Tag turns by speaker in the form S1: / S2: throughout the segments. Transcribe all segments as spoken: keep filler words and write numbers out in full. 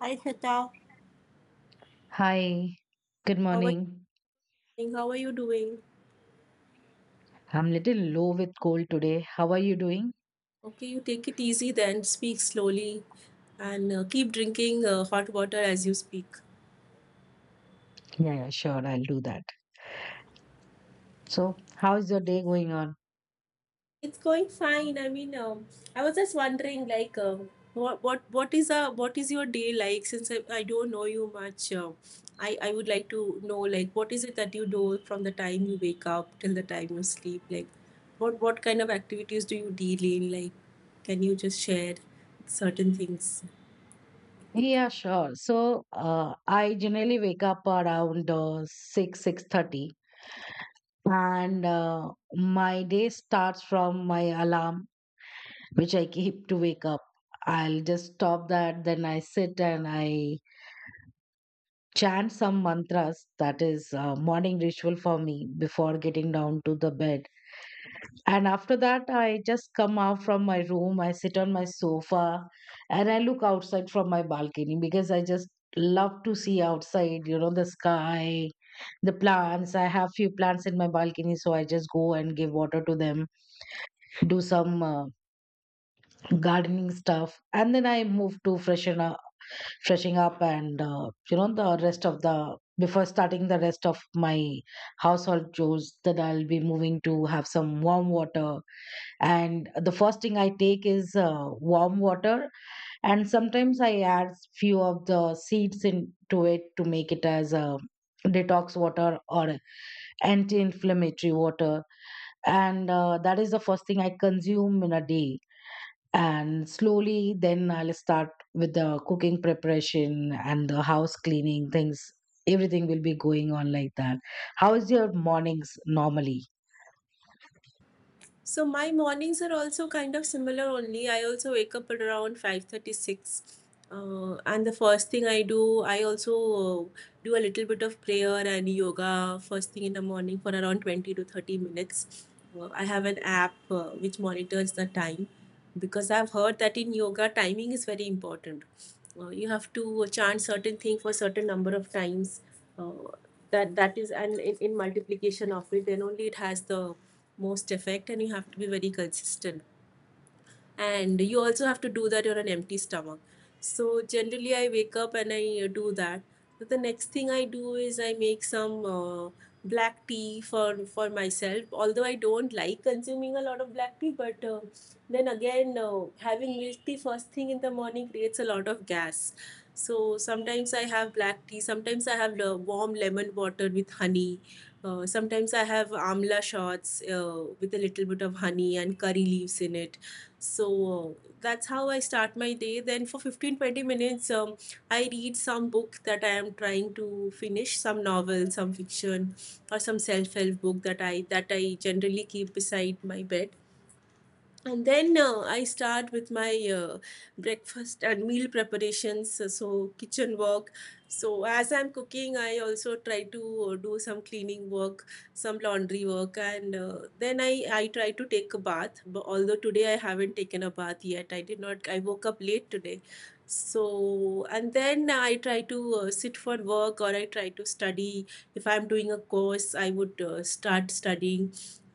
S1: Hi Shweta,
S2: Hi, good
S1: how are you
S2: morning.
S1: doing? How are you doing?
S2: I'm a little low with cold today. How are you doing?
S1: Okay, you take it easy then, speak slowly, and uh, keep drinking uh, hot water as you speak.
S2: Yeah, yeah, sure, I'll do that. So, how is your day going on?
S1: It's going fine. I mean, um, I was just wondering, like, um, what what what is a what is your day like? Since I, I don't know you much, um, I I would like to know, like, what is it that you do from the time you wake up till the time you sleep? Like, what what kind of activities do you deal in? Like, can you just share certain things?
S2: Yeah, sure. So, uh, I generally wake up around uh, six, six thirty, and uh, my day starts from my alarm which I keep to wake up. I'll just stop that, then I sit and I chant some mantras. That is uh, morning ritual for me before getting down to the bed. And after that, I just come out from my room, I sit on my sofa, and I look outside from my balcony because I just love to see outside, you know, the sky, the plants. I have few plants in my balcony, so I just go and give water to them, do some uh, gardening stuff, and then I move to freshen up, freshing up, and uh, you know, the rest of the before starting the rest of my household chores, that I'll be moving to have some warm water. And the first thing I take is uh, warm water, and sometimes I add few of the seeds into it to make it as a detox water or anti-inflammatory water. And uh, that is the first thing I consume in a day. And slowly then I'll start with the cooking preparation and the house cleaning things. Everything will be going on like that. How is your mornings normally?
S1: So my mornings are also kind of similar only. I also wake up at around five thirty-six. Uh, and the first thing I do, I also uh, do a little bit of prayer and yoga first thing in the morning for around twenty to thirty minutes. Uh, I have an app uh, which monitors the time because I've heard that in yoga, timing is very important. Uh, you have to chant certain thing for certain number of times. Uh, that that is and in, in multiplication of it, then only it has the most effect and you have to be very consistent, and you also have to do that on an empty stomach. So generally I wake up and I uh, do that, but the next thing I do is I make some uh, black tea for for myself, although I don't like consuming a lot of black tea. But uh, then again, uh, having milk tea first thing in the morning creates a lot of gas, so sometimes I have black tea, sometimes I have le- warm lemon water with honey. Uh, sometimes I have amla shots uh, with a little bit of honey and curry leaves in it. So uh, that's how I start my day. Then for fifteen to twenty minutes, um, I read some book that I am trying to finish, some novel, some fiction, or some self-help book that i that i generally keep beside my bed. And then uh, I start with my uh, breakfast and meal preparations. Uh, so kitchen work. So as I'm cooking, I also try to uh, do some cleaning work, some laundry work, and uh, then i i try to take a bath. But although today I haven't taken a bath yet, I did not I woke up late today. So and then I try to uh, sit for work or I try to study. If I'm doing a course, I would uh, start studying.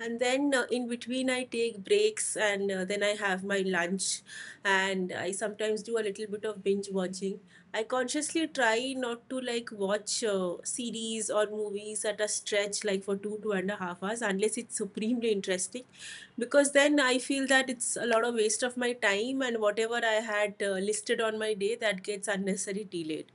S1: And then uh, in between I take breaks, and uh, then I have my lunch, and I sometimes do a little bit of binge watching. I consciously try not to like watch uh, series or movies at a stretch, like for two two and a half hours, unless it's supremely interesting, because then I feel that it's a lot of waste of my time and whatever I had uh, listed on my day that gets unnecessary delayed.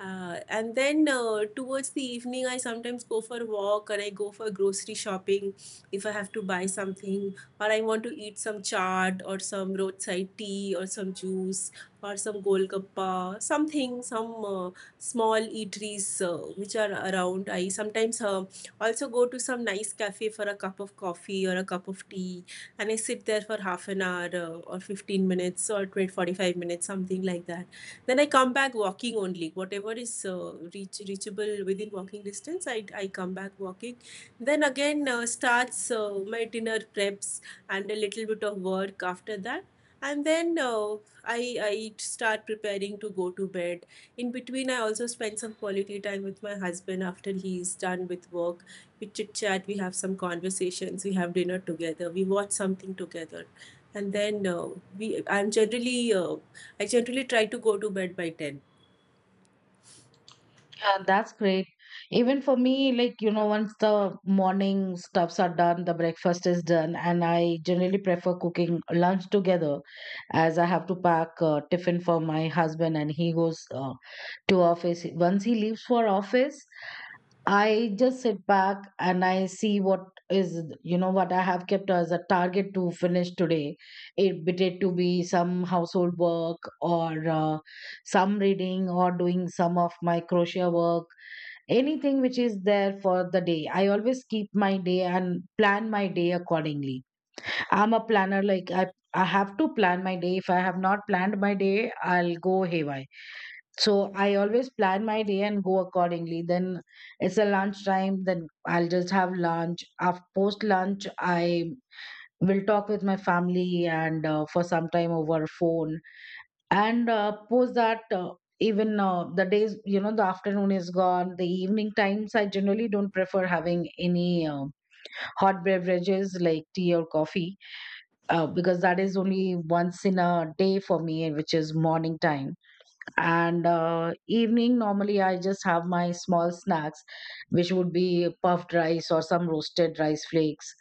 S1: uh, And then uh, towards the evening, I sometimes go for a walk or I go for grocery shopping if I have to buy something, or I want to eat some chaat or some roadside tea or some juice or some golgappa, something, some uh, small eateries uh, which are around. I sometimes uh, also go to some nice cafe for a cup of coffee or a cup of tea, and I sit there for half an hour uh, or fifteen minutes or twenty, forty-five minutes, something like that. Then I come back walking only. Whatever is uh, reach, reachable within walking distance, I, I come back walking. Then again uh, starts uh, my dinner preps, and a little bit of work after that. And then uh, I, I start preparing to go to bed. In between, I also spend some quality time with my husband after he's done with work. We chit chat, we have some conversations, we have dinner together, we watch something together, and then uh, we I'm generally uh, I generally try to go to bed by ten.
S2: Yeah, that's great. Even for me, like, you know, once the morning stuffs are done, the breakfast is done, and I generally prefer cooking lunch together as I have to pack uh, tiffin for my husband and he goes uh, to office. Once he leaves for office, I just sit back and I see what is, you know, what I have kept as a target to finish today. It be it to be some household work or uh, some reading or doing some of my crochet work, anything which is there for the day. I always keep my day and plan my day accordingly. I'm a planner, like I I have to plan my day. If I have not planned my day, I'll go haywire. So I always plan my day and go accordingly. Then it's a lunch time, then I'll just have lunch. After post lunch, I will talk with my family and uh, for some time over phone, and, uh, post that, uh, even, uh, the days, you know, the afternoon is gone, the evening times, I generally don't prefer having any, um, hot beverages like tea or coffee, uh, because that is only once in a day for me, which is morning time. And, uh, evening, normally I just have my small snacks, which would be puffed rice or some roasted rice flakes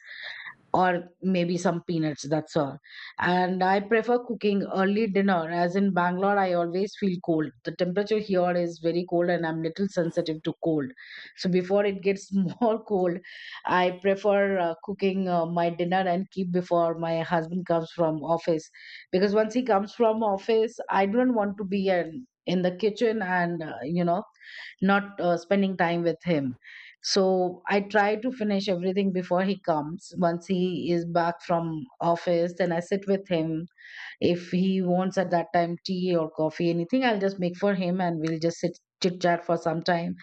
S2: or maybe some peanuts, that's all. And I prefer cooking early dinner as in Bangalore I always feel cold, the temperature here is very cold and I'm little sensitive to cold. So before it gets more cold, I prefer uh, cooking uh, my dinner and keep before my husband comes from office, because once he comes from office I don't want to be in in the kitchen and uh, you know, not uh, spending time with him. So I try to finish everything before he comes. Once he is back from office, then I sit with him. If he wants at that time tea or coffee, anything I'll just make for him and we'll just sit chit chat for some time.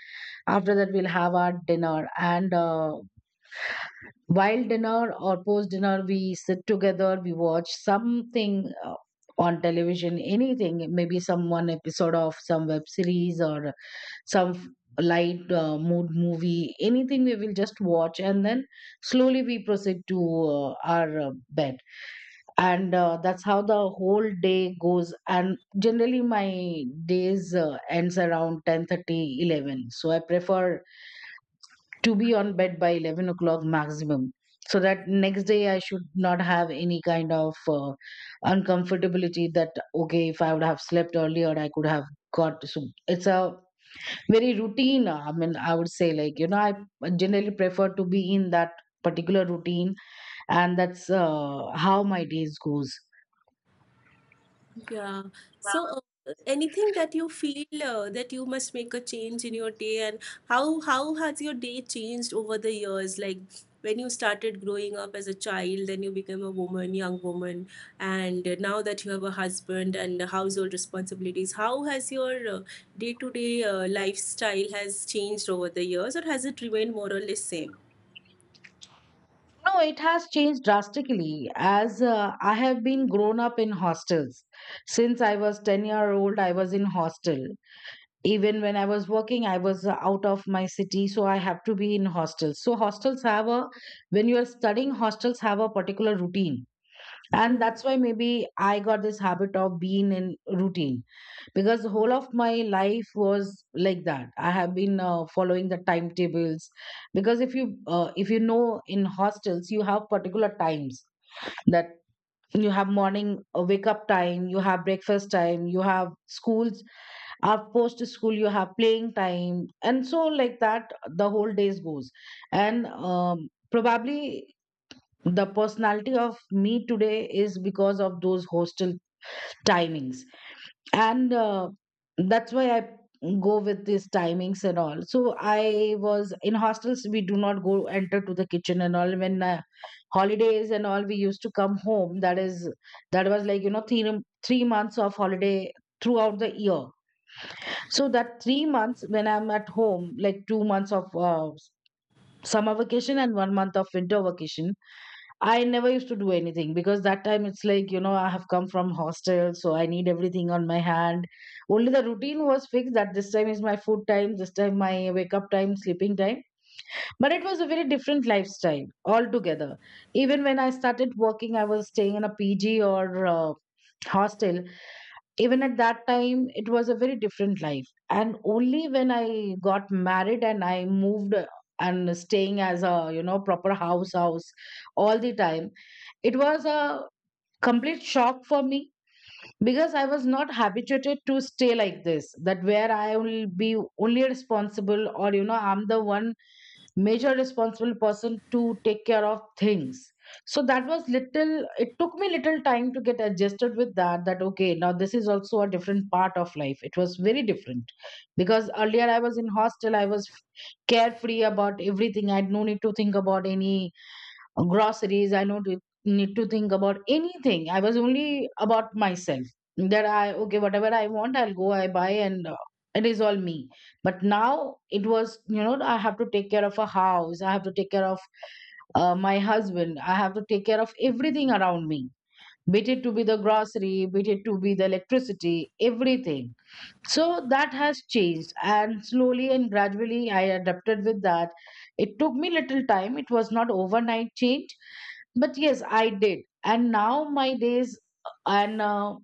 S2: After that we'll have our dinner, and uh, while dinner or post dinner we sit together, we watch something uh, on television, anything, maybe some one episode of some web series or some f- light uh, mood movie, anything we will just watch. And then slowly we proceed to uh, our uh, bed. And uh, that's how the whole day goes, and generally my days uh, ends around ten thirty, eleven. So I prefer to be on bed by eleven o'clock maximum, so that next day I should not have any kind of uh, uncomfortability, that okay if I would have slept earlier I could have got. So it's a very routine, uh, I mean I would say, like, you know, I generally prefer to be in that particular routine. And that's uh, how my days goes.
S1: Yeah. So uh, anything that you feel uh, that you must make a change in your day, and how how has your day changed over the years? Like when you started growing up as a child, then you became a woman, young woman, and uh, now that you have a husband and household responsibilities, how has your uh, day-to-day uh, lifestyle has changed over the years, or has it remained more or less same?
S2: No, it has changed drastically as uh, I have been grown up in hostels. Since I was ten year old I was in hostel. Even when I was working I was uh, out of my city, so I have to be in hostels. So hostels have a when you are studying hostels have a particular routine. And that's why maybe I got this habit of being in routine, because the whole of my life was like that. I have been uh, following the timetables, because if you uh, if you know in hostels you have particular times that you have morning uh, wake up time, you have breakfast time, you have schools, after post school you have playing time, and so like that the whole days goes. And um, probably the personality of me today is because of those hostel timings. And uh, that's why I go with these timings and all. So I was in hostels, we do not go enter to the kitchen and all. When uh, holidays and all we used to come home, that is that was like, you know, three, three months of holiday throughout the year. So that three months when I'm at home, like two months of uh, summer vacation and one month of winter vacation, I never used to do anything because that time it's like, you know, I have come from hostel, so I need everything on my hand. Only the routine was fixed that this time is my food time, this time my wake up time, sleeping time. But it was a very different lifestyle altogether. Even when I started working, I was staying in a P G or uh, hostel. Even at that time it was a very different life. And only when I got married and I moved uh, and staying as a, you know, proper house house all the time, it was a complete shock for me, because I was not habituated to stay like this, that where I will be only responsible, or, you know, I'm the one major responsible person to take care of things. So that was little, it took me little time to get adjusted with that, that okay now this is also a different part of life. It was very different, because earlier I was in hostel, I was carefree about everything, I had no need to think about any groceries, I don't need to think about anything, I was only about myself, that I okay whatever I want I'll go I buy and uh, it is all me. But now it was, you know, I have to take care of a house, I have to take care of uh, my husband, I have to take care of everything around me, be it to be the grocery, be it to be the electricity, everything. So that has changed, and slowly and gradually I adapted with that. It took me little time, it was not overnight change, but yes I did. And now my days and uh,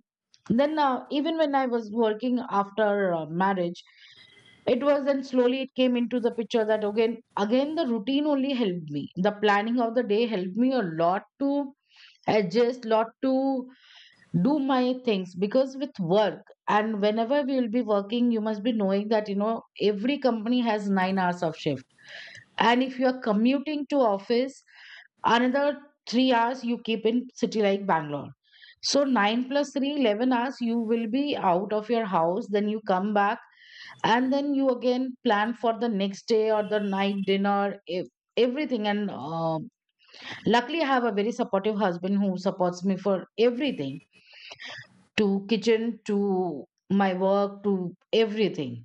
S2: then uh, even when I was working after uh, marriage, it was then slowly it came into the picture that again again the routine only helped me, the planning of the day helped me a lot to adjust lot to do my things. Because with work and whenever we will be working, you must be knowing that, you know, every company has nine hours of shift, and if you are commuting to office, another three hours you keep in city like Bangalore. So nine plus three, eleven hours you will be out of your house. Then you come back and then you again plan for the next day or the night dinner, ev- everything. And um luckily, I have a very supportive husband who supports me for everything, to kitchen, to my work, to everything.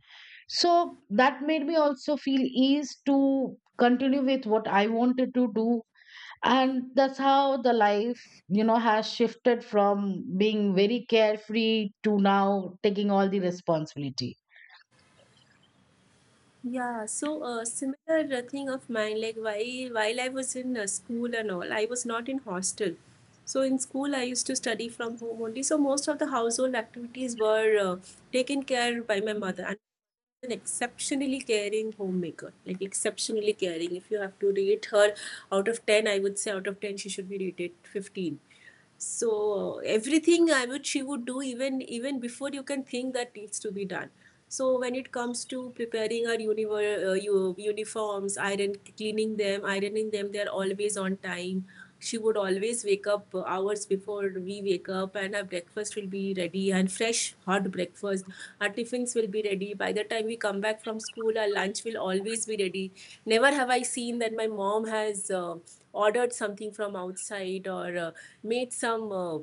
S2: So that made me also feel ease to continue with what I wanted to do, and that's how the life, you know, has shifted from being very carefree to now taking all the responsibility.
S1: Yeah, so a similar uh, thing of mine, like while while I was in uh, school and all, I was not in hostel. So in school, I used to study from home only. So most of the household activities were uh, taken care by my mother, and an exceptionally caring homemaker, like exceptionally caring. If you have to rate her out of ten, I would say out of ten she should be rated fifteen. So everything I would she would do, even even before you can think that needs to be done. So when it comes to preparing our univer- uh, u- uniforms, iron cleaning them, ironing them, they're always on time. She would always wake up uh, hours before before we wake up, and our breakfast will be ready and fresh hot breakfast. Our tiffins will be ready by the time we come back from school. Our lunch will always be ready. Never have I seen that my mom has uh, ordered something from outside or uh, made some uh,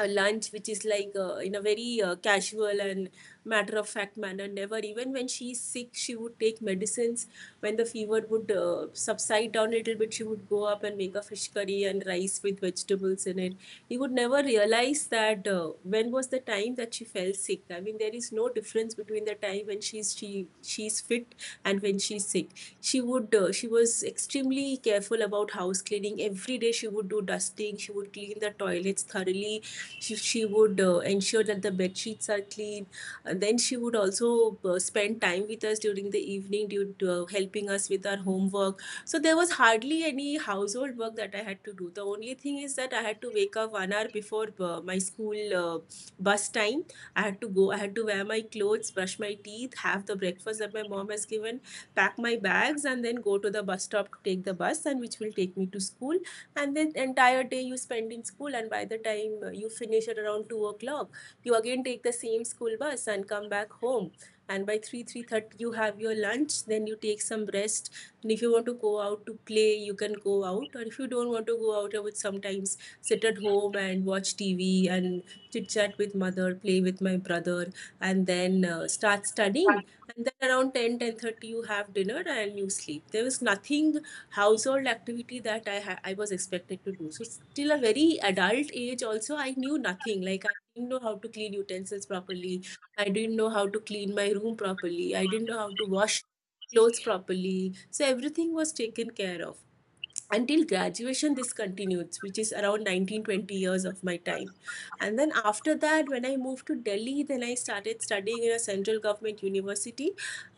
S1: a lunch which is like uh, in a very uh, casual and matter of fact manner. Never, even when she's sick, she would take medicines. When the fever would uh, subside down a little bit, she would go up and make a fish curry and rice with vegetables in it. He would never realize that uh, when was the time that she fell sick. I mean, there is no difference between the time when she's she she's fit and when she's sick. She would uh, she was extremely careful about house cleaning. Every day she would do dusting, she would clean the toilets thoroughly, she, she would uh, ensure that the bed sheets are clean. And then she would also uh, spend time with us during the evening, due to, uh, helping us with our homework. So there was hardly any household work that I had to do. The only thing is that I had to wake up one hour before uh, my school uh, bus time. I had to go. I had to wear my clothes, brush my teeth, have the breakfast that my mom has given, pack my bags, and then go to the bus stop to take the bus, and which will take me to school. And then entire day you spend in school, and by the time uh, you finish at around two o'clock, you again take the same school bus and come back home. And by three three thirty you have your lunch, then you take some rest. And if you want to go out to play, you can go out. Or if you don't want to go out, I would sometimes sit at home and watch tv and chit chat with mother, play with my brother, and then uh, start studying. And then around ten ten thirty, you have dinner and you sleep. There was nothing household activity that I ha- I was expected to do. So still a very adult age also I knew nothing. Like I didn't know how to clean utensils properly. I didn't know how to clean my room properly. I didn't know how to wash clothes properly. So everything was taken care of until graduation. This continues, which is around nineteen twenty years of my time. And then after that, when I moved to Delhi, then I started studying in a central government university.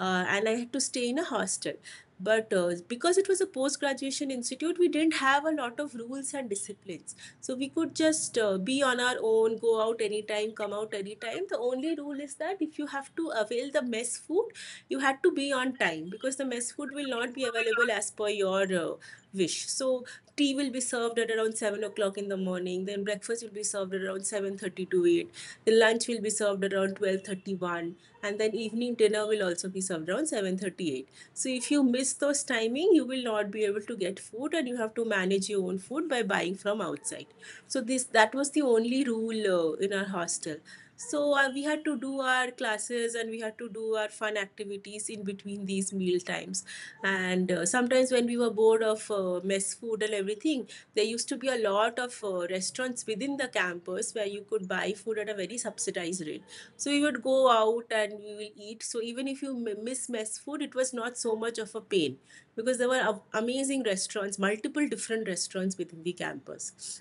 S1: uh, And I had to stay in a hostel. But uh, because it was a post graduation institute, we didn't have a lot of rules and disciplines. So we could just uh, be on our own, go out anytime, come out anytime. The only rule is that if you have to avail the mess food, you had to be on time, because the mess food will not be available as per your uh, wish. So tea will be served at around seven o'clock in the morning. Then breakfast will be served at around seven thirty to eight. The lunch will be served at around twelve thirty one, and then evening dinner will also be served around seven thirty eight. So if you miss those timing, you will not be able to get food, and you have to manage your own food by buying from outside. So this that was the only rule uh, in our hostel. So uh, we had to do our classes and we had to do our fun activities in between these meal times, and uh, sometimes when we were bored of uh, mess food and everything, there used to be a lot of uh, restaurants within the campus where you could buy food at a very subsidized rate. So we would go out and we will eat. So even if you m- miss mess food, it was not so much of a pain because there were a- amazing restaurants, multiple different restaurants within the campus.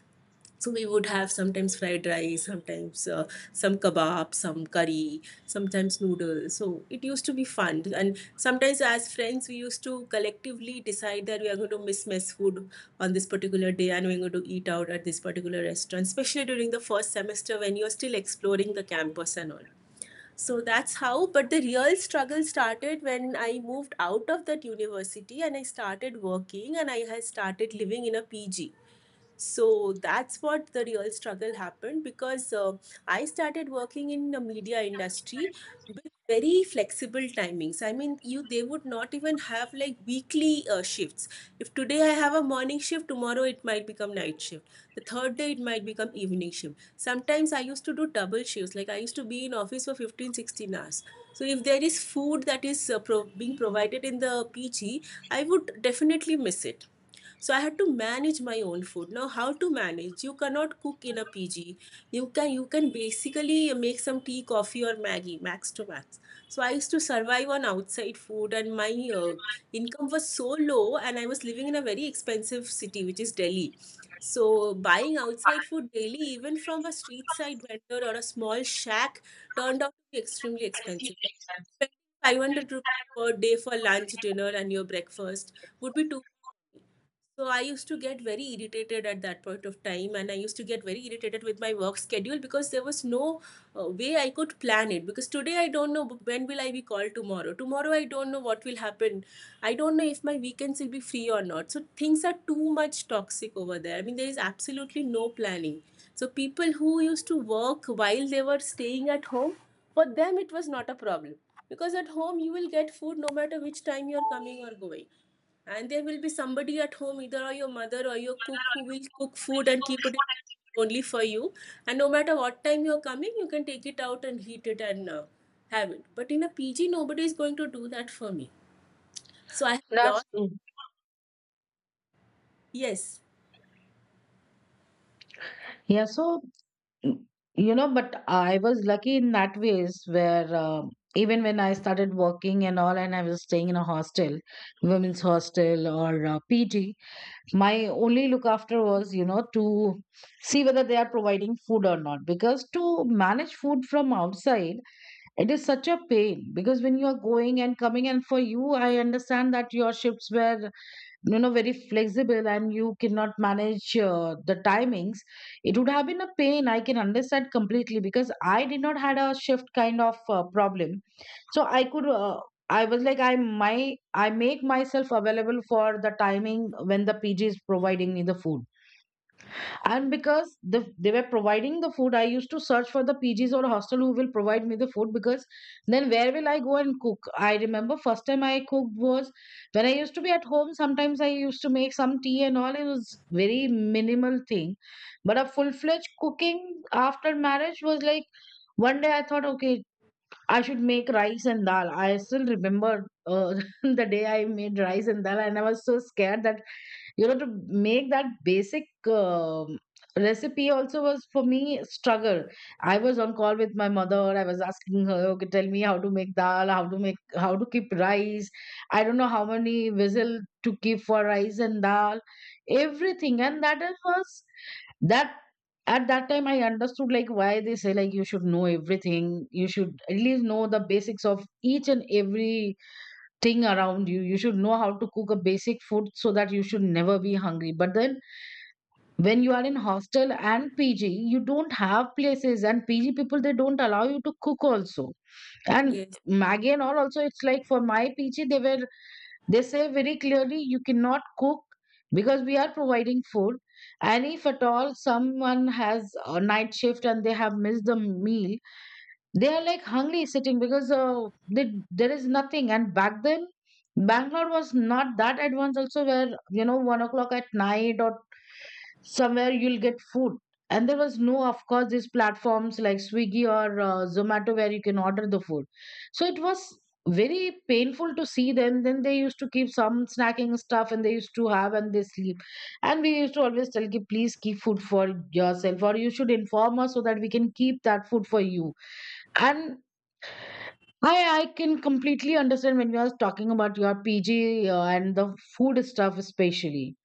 S1: So we would have sometimes fried rice, sometimes uh, some kebab, some curry, sometimes noodles. So it used to be fun. And sometimes as friends, we used to collectively decide that we are going to miss mess food on this particular day and we're going to eat out at this particular restaurant, especially during the first semester when you're still exploring the campus and all. So that's how, but the real struggle started when I moved out of that university and I started working and I had started living in a P G. So that's what the real struggle happened, because uh, I started working in the media industry with very flexible timings. I mean, you, they would not even have like weekly uh, shifts. If today I have a morning shift, tomorrow it might become night shift. The third day it might become evening shift. Sometimes I used to do double shifts, like I used to be in office for fifteen sixteen hours. So if there is food that is uh, pro- being provided in the PG, I would definitely miss it. So I had to manage my own food. Now, how to manage? You cannot cook in a PG. You can you can basically make some tea, coffee or maggie, max to max. So I used to survive on outside food, and my uh, income was so low and I was living in a very expensive city, which is Delhi. So buying outside food daily, even from a street side vendor or a small shack, turned out to be extremely expensive, like spending five hundred rupees per day for lunch, dinner and your breakfast would be too. So I used to get very irritated at that point of time, and I used to get very irritated with my work schedule because there was no uh, way I could plan it. Because today I don't know when will I be called tomorrow. Tomorrow I don't know what will happen. I don't know if my weekends will be free or not. So things are too much toxic over there. I mean, there is absolutely no planning. So people who used to work while they were staying at home, for them it was not a problem, because at home you will get food no matter which time you are coming or going, and there will be somebody at home, either or your mother or your cook, who will cook food and keep it in only for you. And no matter what time you're coming, you can take it out and heat it and uh, have it. But in a P G, nobody is going to do that for me. So I have
S2: That's
S1: lost.
S2: true.
S1: Yes.
S2: Yeah, so, mm, you know, but I was lucky in that ways where um even when I started working and all and I was staying in a hostel, women's hostel or uh, PG, my only look after was, you know, to see whether they are providing food or not, because to manage food from outside, it is such a pain. Because when you are going and coming, and for you, I understand that your shifts were, you know, very flexible and you cannot manage uh, the timings. It would have been a pain. I can understand completely because I did not had a shift kind of uh, problem. So I could, uh, I was like, I my I make myself available for the timing when the P G is providing me the food, and because the, they were providing the food, I used to search for the PGs or hostel who will provide me the food, because then where will I go and cook? I remember first time I cooked was when I used to be at home. Sometimes I used to make some tea and all, it was very minimal thing. But a full-fledged cooking after marriage was like, one day I thought, okay, I should make rice and dal. I still remember, uh, the day I made rice and dal, and I was so scared that, you know to make that basic um, recipe also was for me struggle. I was on call with my mother, I was asking her, okay, tell me how to make dal, how to make how to keep rice, I don't know how many whistle to keep for rice and dal, everything. And that is- was that at that time I understood, like, why they say, like, you should know everything, you should at least know the basics of each and every thing around you. You should know how to cook a basic food so that you should never be hungry. But then when you are in hostel and P G, you don't have places, and P G people they don't allow you to cook also. And
S1: Yes.
S2: Maggie and all also, it's like, for my P G they were they say very clearly, you cannot cook, because we are providing food. And if at all someone has a night shift and they have missed the meal, they are like hungry sitting, because uh, they, there is nothing. And back then, Bangalore was not that advanced also where, you know one o'clock at night or somewhere you'll get food. And there was no, of course, these platforms like Swiggy or uh, Zomato where you can order the food. So it was very painful to see them, then they used to keep some snacking stuff and they used to have and they sleep. And we used to always tell ki, please keep food for yourself, or you should inform us so that we can keep that food for you. And I, I can completely understand when you are talking about your P G uh, and the food stuff, especially.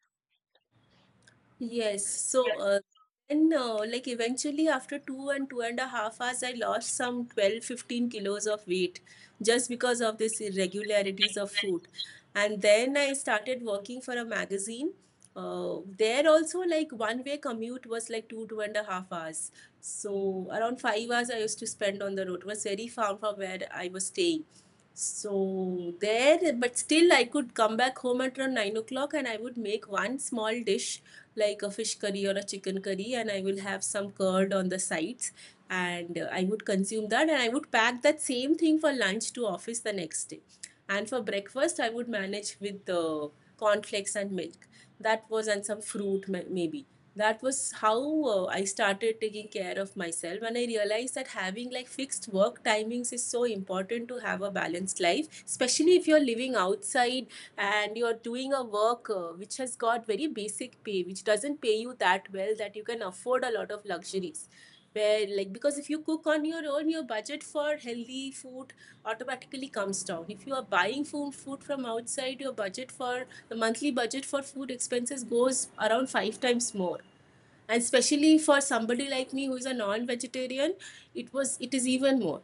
S1: Yes. So uh, then, uh, like, eventually, after two and two and a half hours, I lost some twelve fifteen kilos of weight just because of these irregularities of food. And then I started working for a magazine. Uh, there also, like, one way commute was like two, two and a half hours. So, around five hours I used to spend on the road. It was very far from where I was staying. So, there, but still, I could come back home at around nine o'clock and I would make one small dish like a fish curry or a chicken curry, and I will have some curd on the sides. And uh, I would consume that and I would pack that same thing for lunch to office the next day. And for breakfast I would manage with the uh, cornflakes and milk, that was, and some fruit maybe. That was how uh, I started taking care of myself. And I realized that having like fixed work timings is so important to have a balanced life, especially if you're living outside and you're doing a work uh, which has got very basic pay, which doesn't pay you that well that you can afford a lot of luxuries. Where, like, because if you cook on your own, your budget for healthy food automatically comes down. If you are buying food, food from outside, your budget for the monthly budget for food expenses goes around five times more. And especially for somebody like me who is a non-vegetarian, it was, it is even more.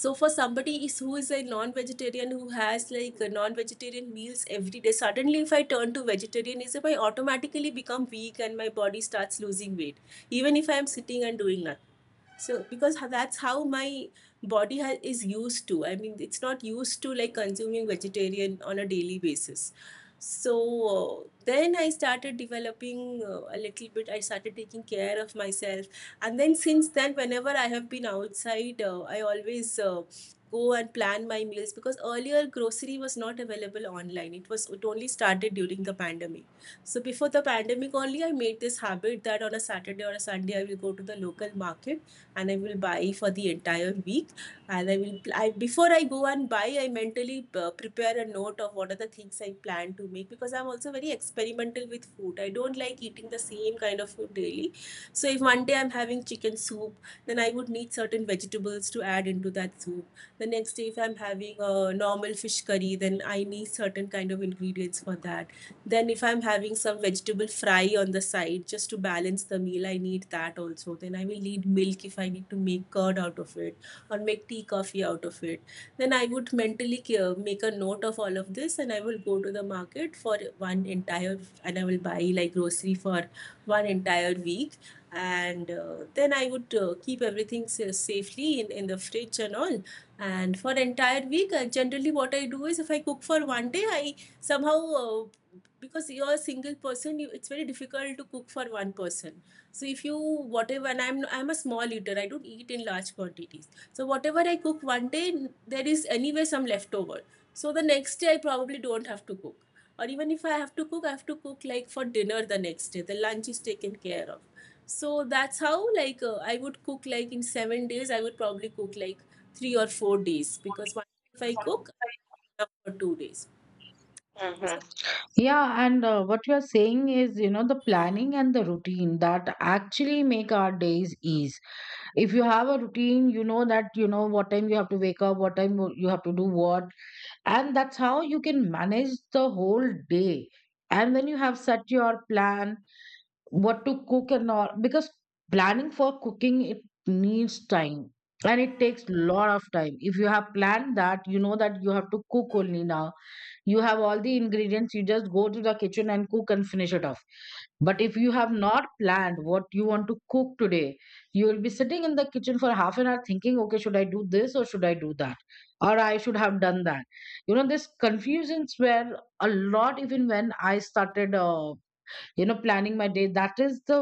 S1: So for somebody is who is a non-vegetarian who has like non-vegetarian meals every day, suddenly if I turn to vegetarianism, I automatically become weak and my body starts losing weight even if I am sitting and doing nothing. So, because that's how my body ha- is used to. I mean, it's not used to like consuming vegetarian on a daily basis. So, uh, then I started developing uh, a little bit. I started taking care of myself. And then, since then, whenever I have been outside, uh, I always uh, go and plan my meals, because earlier grocery was not available online. It was, it only started during the pandemic. So, before the pandemic only, I made this habit that on a Saturday or a Sunday, I will go to the local market and I will buy for the entire week. And I will, I, before I go and buy, I mentally uh, prepare a note of what are the things I plan to make, because I'm also very experimental with food. I don't like eating the same kind of food daily. So if one day I'm having chicken soup, then I would need certain vegetables to add into that soup. The next day, if I'm having a normal fish curry, then I need certain kind of ingredients for that. Then, if I'm having some vegetable fry on the side just to balance the meal, I need that also. Then, I will need milk if I need to make curd out of it or make tea, coffee out of it. Then, I would mentally ca- make a note of all of this and I will go to the market for one entire, and I will buy like grocery for one entire week. And uh, then I would uh, keep everything sa- safely in, in the fridge and all. And for entire week, uh, generally what I do is if I cook for one day, I somehow uh, because you're a single person, you, it's very difficult to cook for one person. So if you, whatever, and i'm i'm a small eater, I don't eat in large quantities, so whatever I cook one day, there is anyway some leftover, so the next day I probably don't have to cook, or even if I have to cook, I have to cook like for dinner, the next day the lunch is taken care of. So that's how, like, uh, I would cook like in seven days I would probably cook like three or four days, because one if I cook enough for two days. So
S2: Mm-hmm. Yeah, and uh, what you are saying is, you know, the planning and the routine that actually make our days ease. If you have a routine, you know that, you know, what time you have to wake up, what time you have to do what, and that's how you can manage the whole day. And when you have set your plan what to cook and all, because planning for cooking it needs time, and it takes lot of time. If you have planned, that you know that you have to cook only now, you have all the ingredients, you just go to the kitchen and cook and finish it off. But if you have not planned what you want to cook today, you will be sitting in the kitchen for half an hour thinking, okay, should I do this or should I do that, or I should have done that. You know this confusions were a lot even when I started, uh, you know planning my day. That is the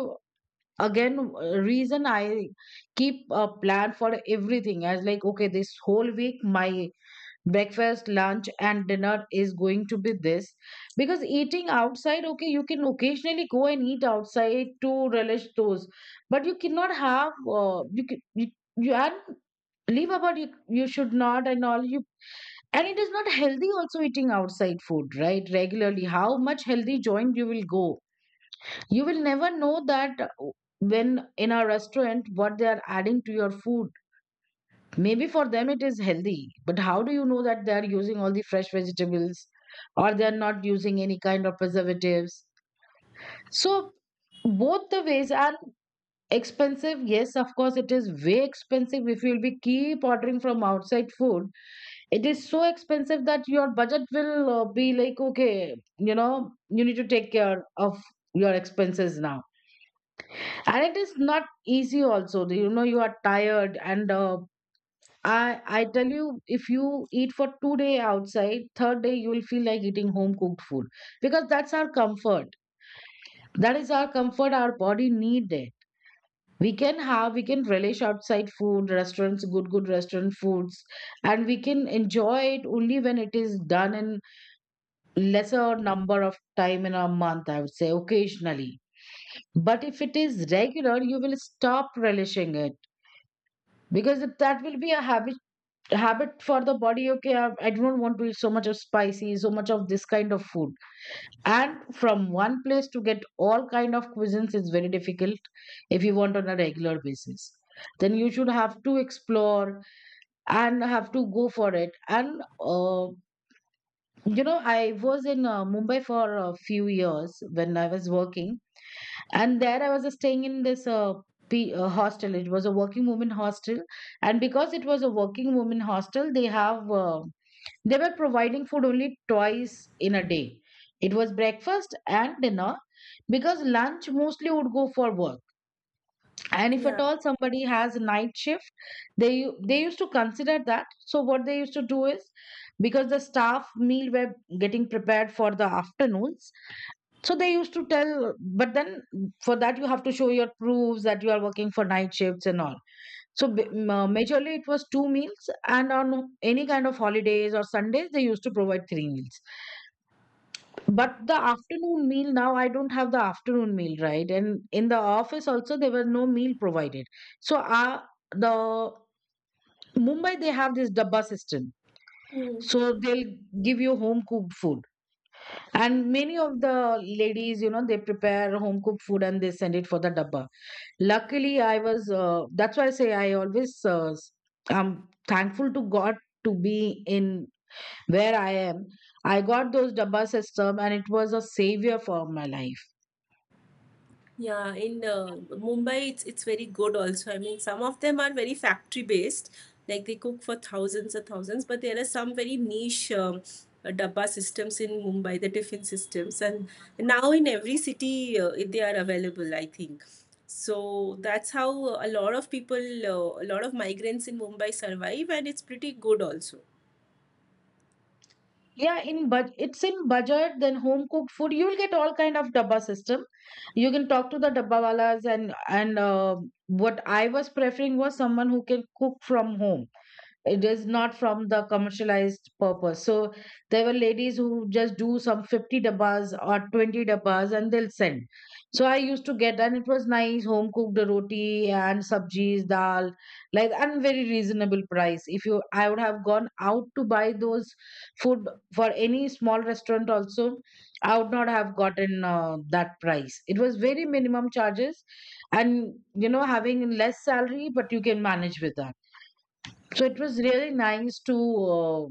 S2: again, uh, reason I keep a plan for everything, as like, okay, this whole week my breakfast, lunch, and dinner is going to be this. Because eating outside, okay, you can occasionally go and eat outside to relish those, but you cannot have uh, you, ca- you you and leave about you, you should not and all you. And it is not healthy also, eating outside food, right? Regularly, how much healthy joint you will go, you will never know that when in a restaurant, what they are adding to your food. Maybe for them it is healthy, but how do you know that they are using all the fresh vegetables or they are not using any kind of preservatives? So both the ways are expensive, yes, of course. It is way expensive if you'll be keep ordering from outside food, it is so expensive that your budget will uh, be like, okay, you know you need to take care of your expenses now. And it is not easy also, you know you are tired. And uh, i i tell you, if you eat for two day outside, third day you will feel like eating home cooked food, because that's our comfort, that is our comfort, our body need it. We can have we can relish outside food restaurants, good good restaurant foods, and we can enjoy it only when it is done in lesser number of time in a month, I would say occasionally. But if it is regular, you will stop relishing it, because it, that will be a habit. Habit for the body, okay, I, I don't want to eat so much of spicy, so much of this kind of food. And from one place to get all kind of cuisines is very difficult if you want on a regular basis, then you should have to explore and have to go for it. And uh, you know I was in uh, Mumbai for a few years when I was working. And there I was uh, staying in this uh, P, uh, hostel, it was a working woman hostel. And because it was a working woman hostel, they have uh, they were providing food only twice in a day, it was breakfast and dinner, because lunch mostly would go for work. And if
S1: yeah.
S2: at all somebody has night shift, they u- they used to consider that. So what they used to do is, because the staff meal were getting prepared for the afternoons, so they used to tell, but then for that you have to show your proofs that you are working for night shifts and all. So b- ma- majorly it was two meals, and on any kind of holidays or Sundays they used to provide three meals. But the afternoon meal now I don't have the afternoon meal, right, and in the office also there was no meal provided. So uh, the Mumbai they have this dabba system,
S1: Hmm.
S2: so they'll give you home cooked food, and many of the ladies you know they prepare home cooked food and they send it for the dabba. Luckily, I was, uh, that's why I say, I always, uh, s- I'm thankful to God to be in where I am. I got those Dabba system and it was a savior for my life.
S1: Yeah, in uh, Mumbai, it's it's very good also. I mean, some of them are very factory based, like they cook for thousands and thousands. But there are some very niche um, uh, dabba systems in Mumbai, the tiffin systems, and now in every city uh, they are available, I think. So that's how a lot of people, uh, a lot of migrants in Mumbai survive, and it's pretty good also.
S2: Yeah, in but it's in budget, then home cooked food. You'll get all kind of Dabba system. You can talk to the Dabba wala's, and and uh, what I was preferring was someone who can cook from home, it is not from the commercialized purpose. So there were ladies who just do some fifty dabbas or twenty dabbas and they'll send. So I used to get, and it was nice home cooked roti and sabjis dal like, and very reasonable price. If you I would have gone out to buy those food, for any small restaurant also, I would not have gotten uh, that price, it was very minimum charges. And you know having less salary but you can manage with that, so it was really nice to, uh,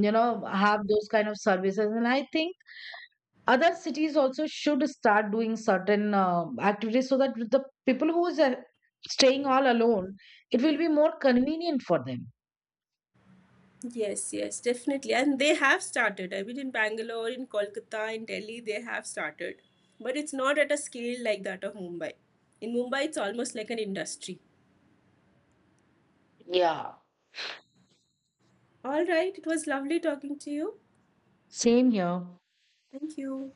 S2: you know, have those kind of services. And I think other cities also should start doing certain uh, activities so that the people who is uh, staying all alone, it will be more convenient for them.
S1: Yes, yes, definitely. And they have started. I mean, in Bangalore, in Kolkata, in Delhi, they have started. But it's not at a scale like that of Mumbai. In Mumbai, it's almost like an industry.
S2: Yeah.
S1: All right, it was lovely talking to you.
S2: Same here.
S1: Thank you.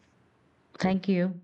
S2: Thank you.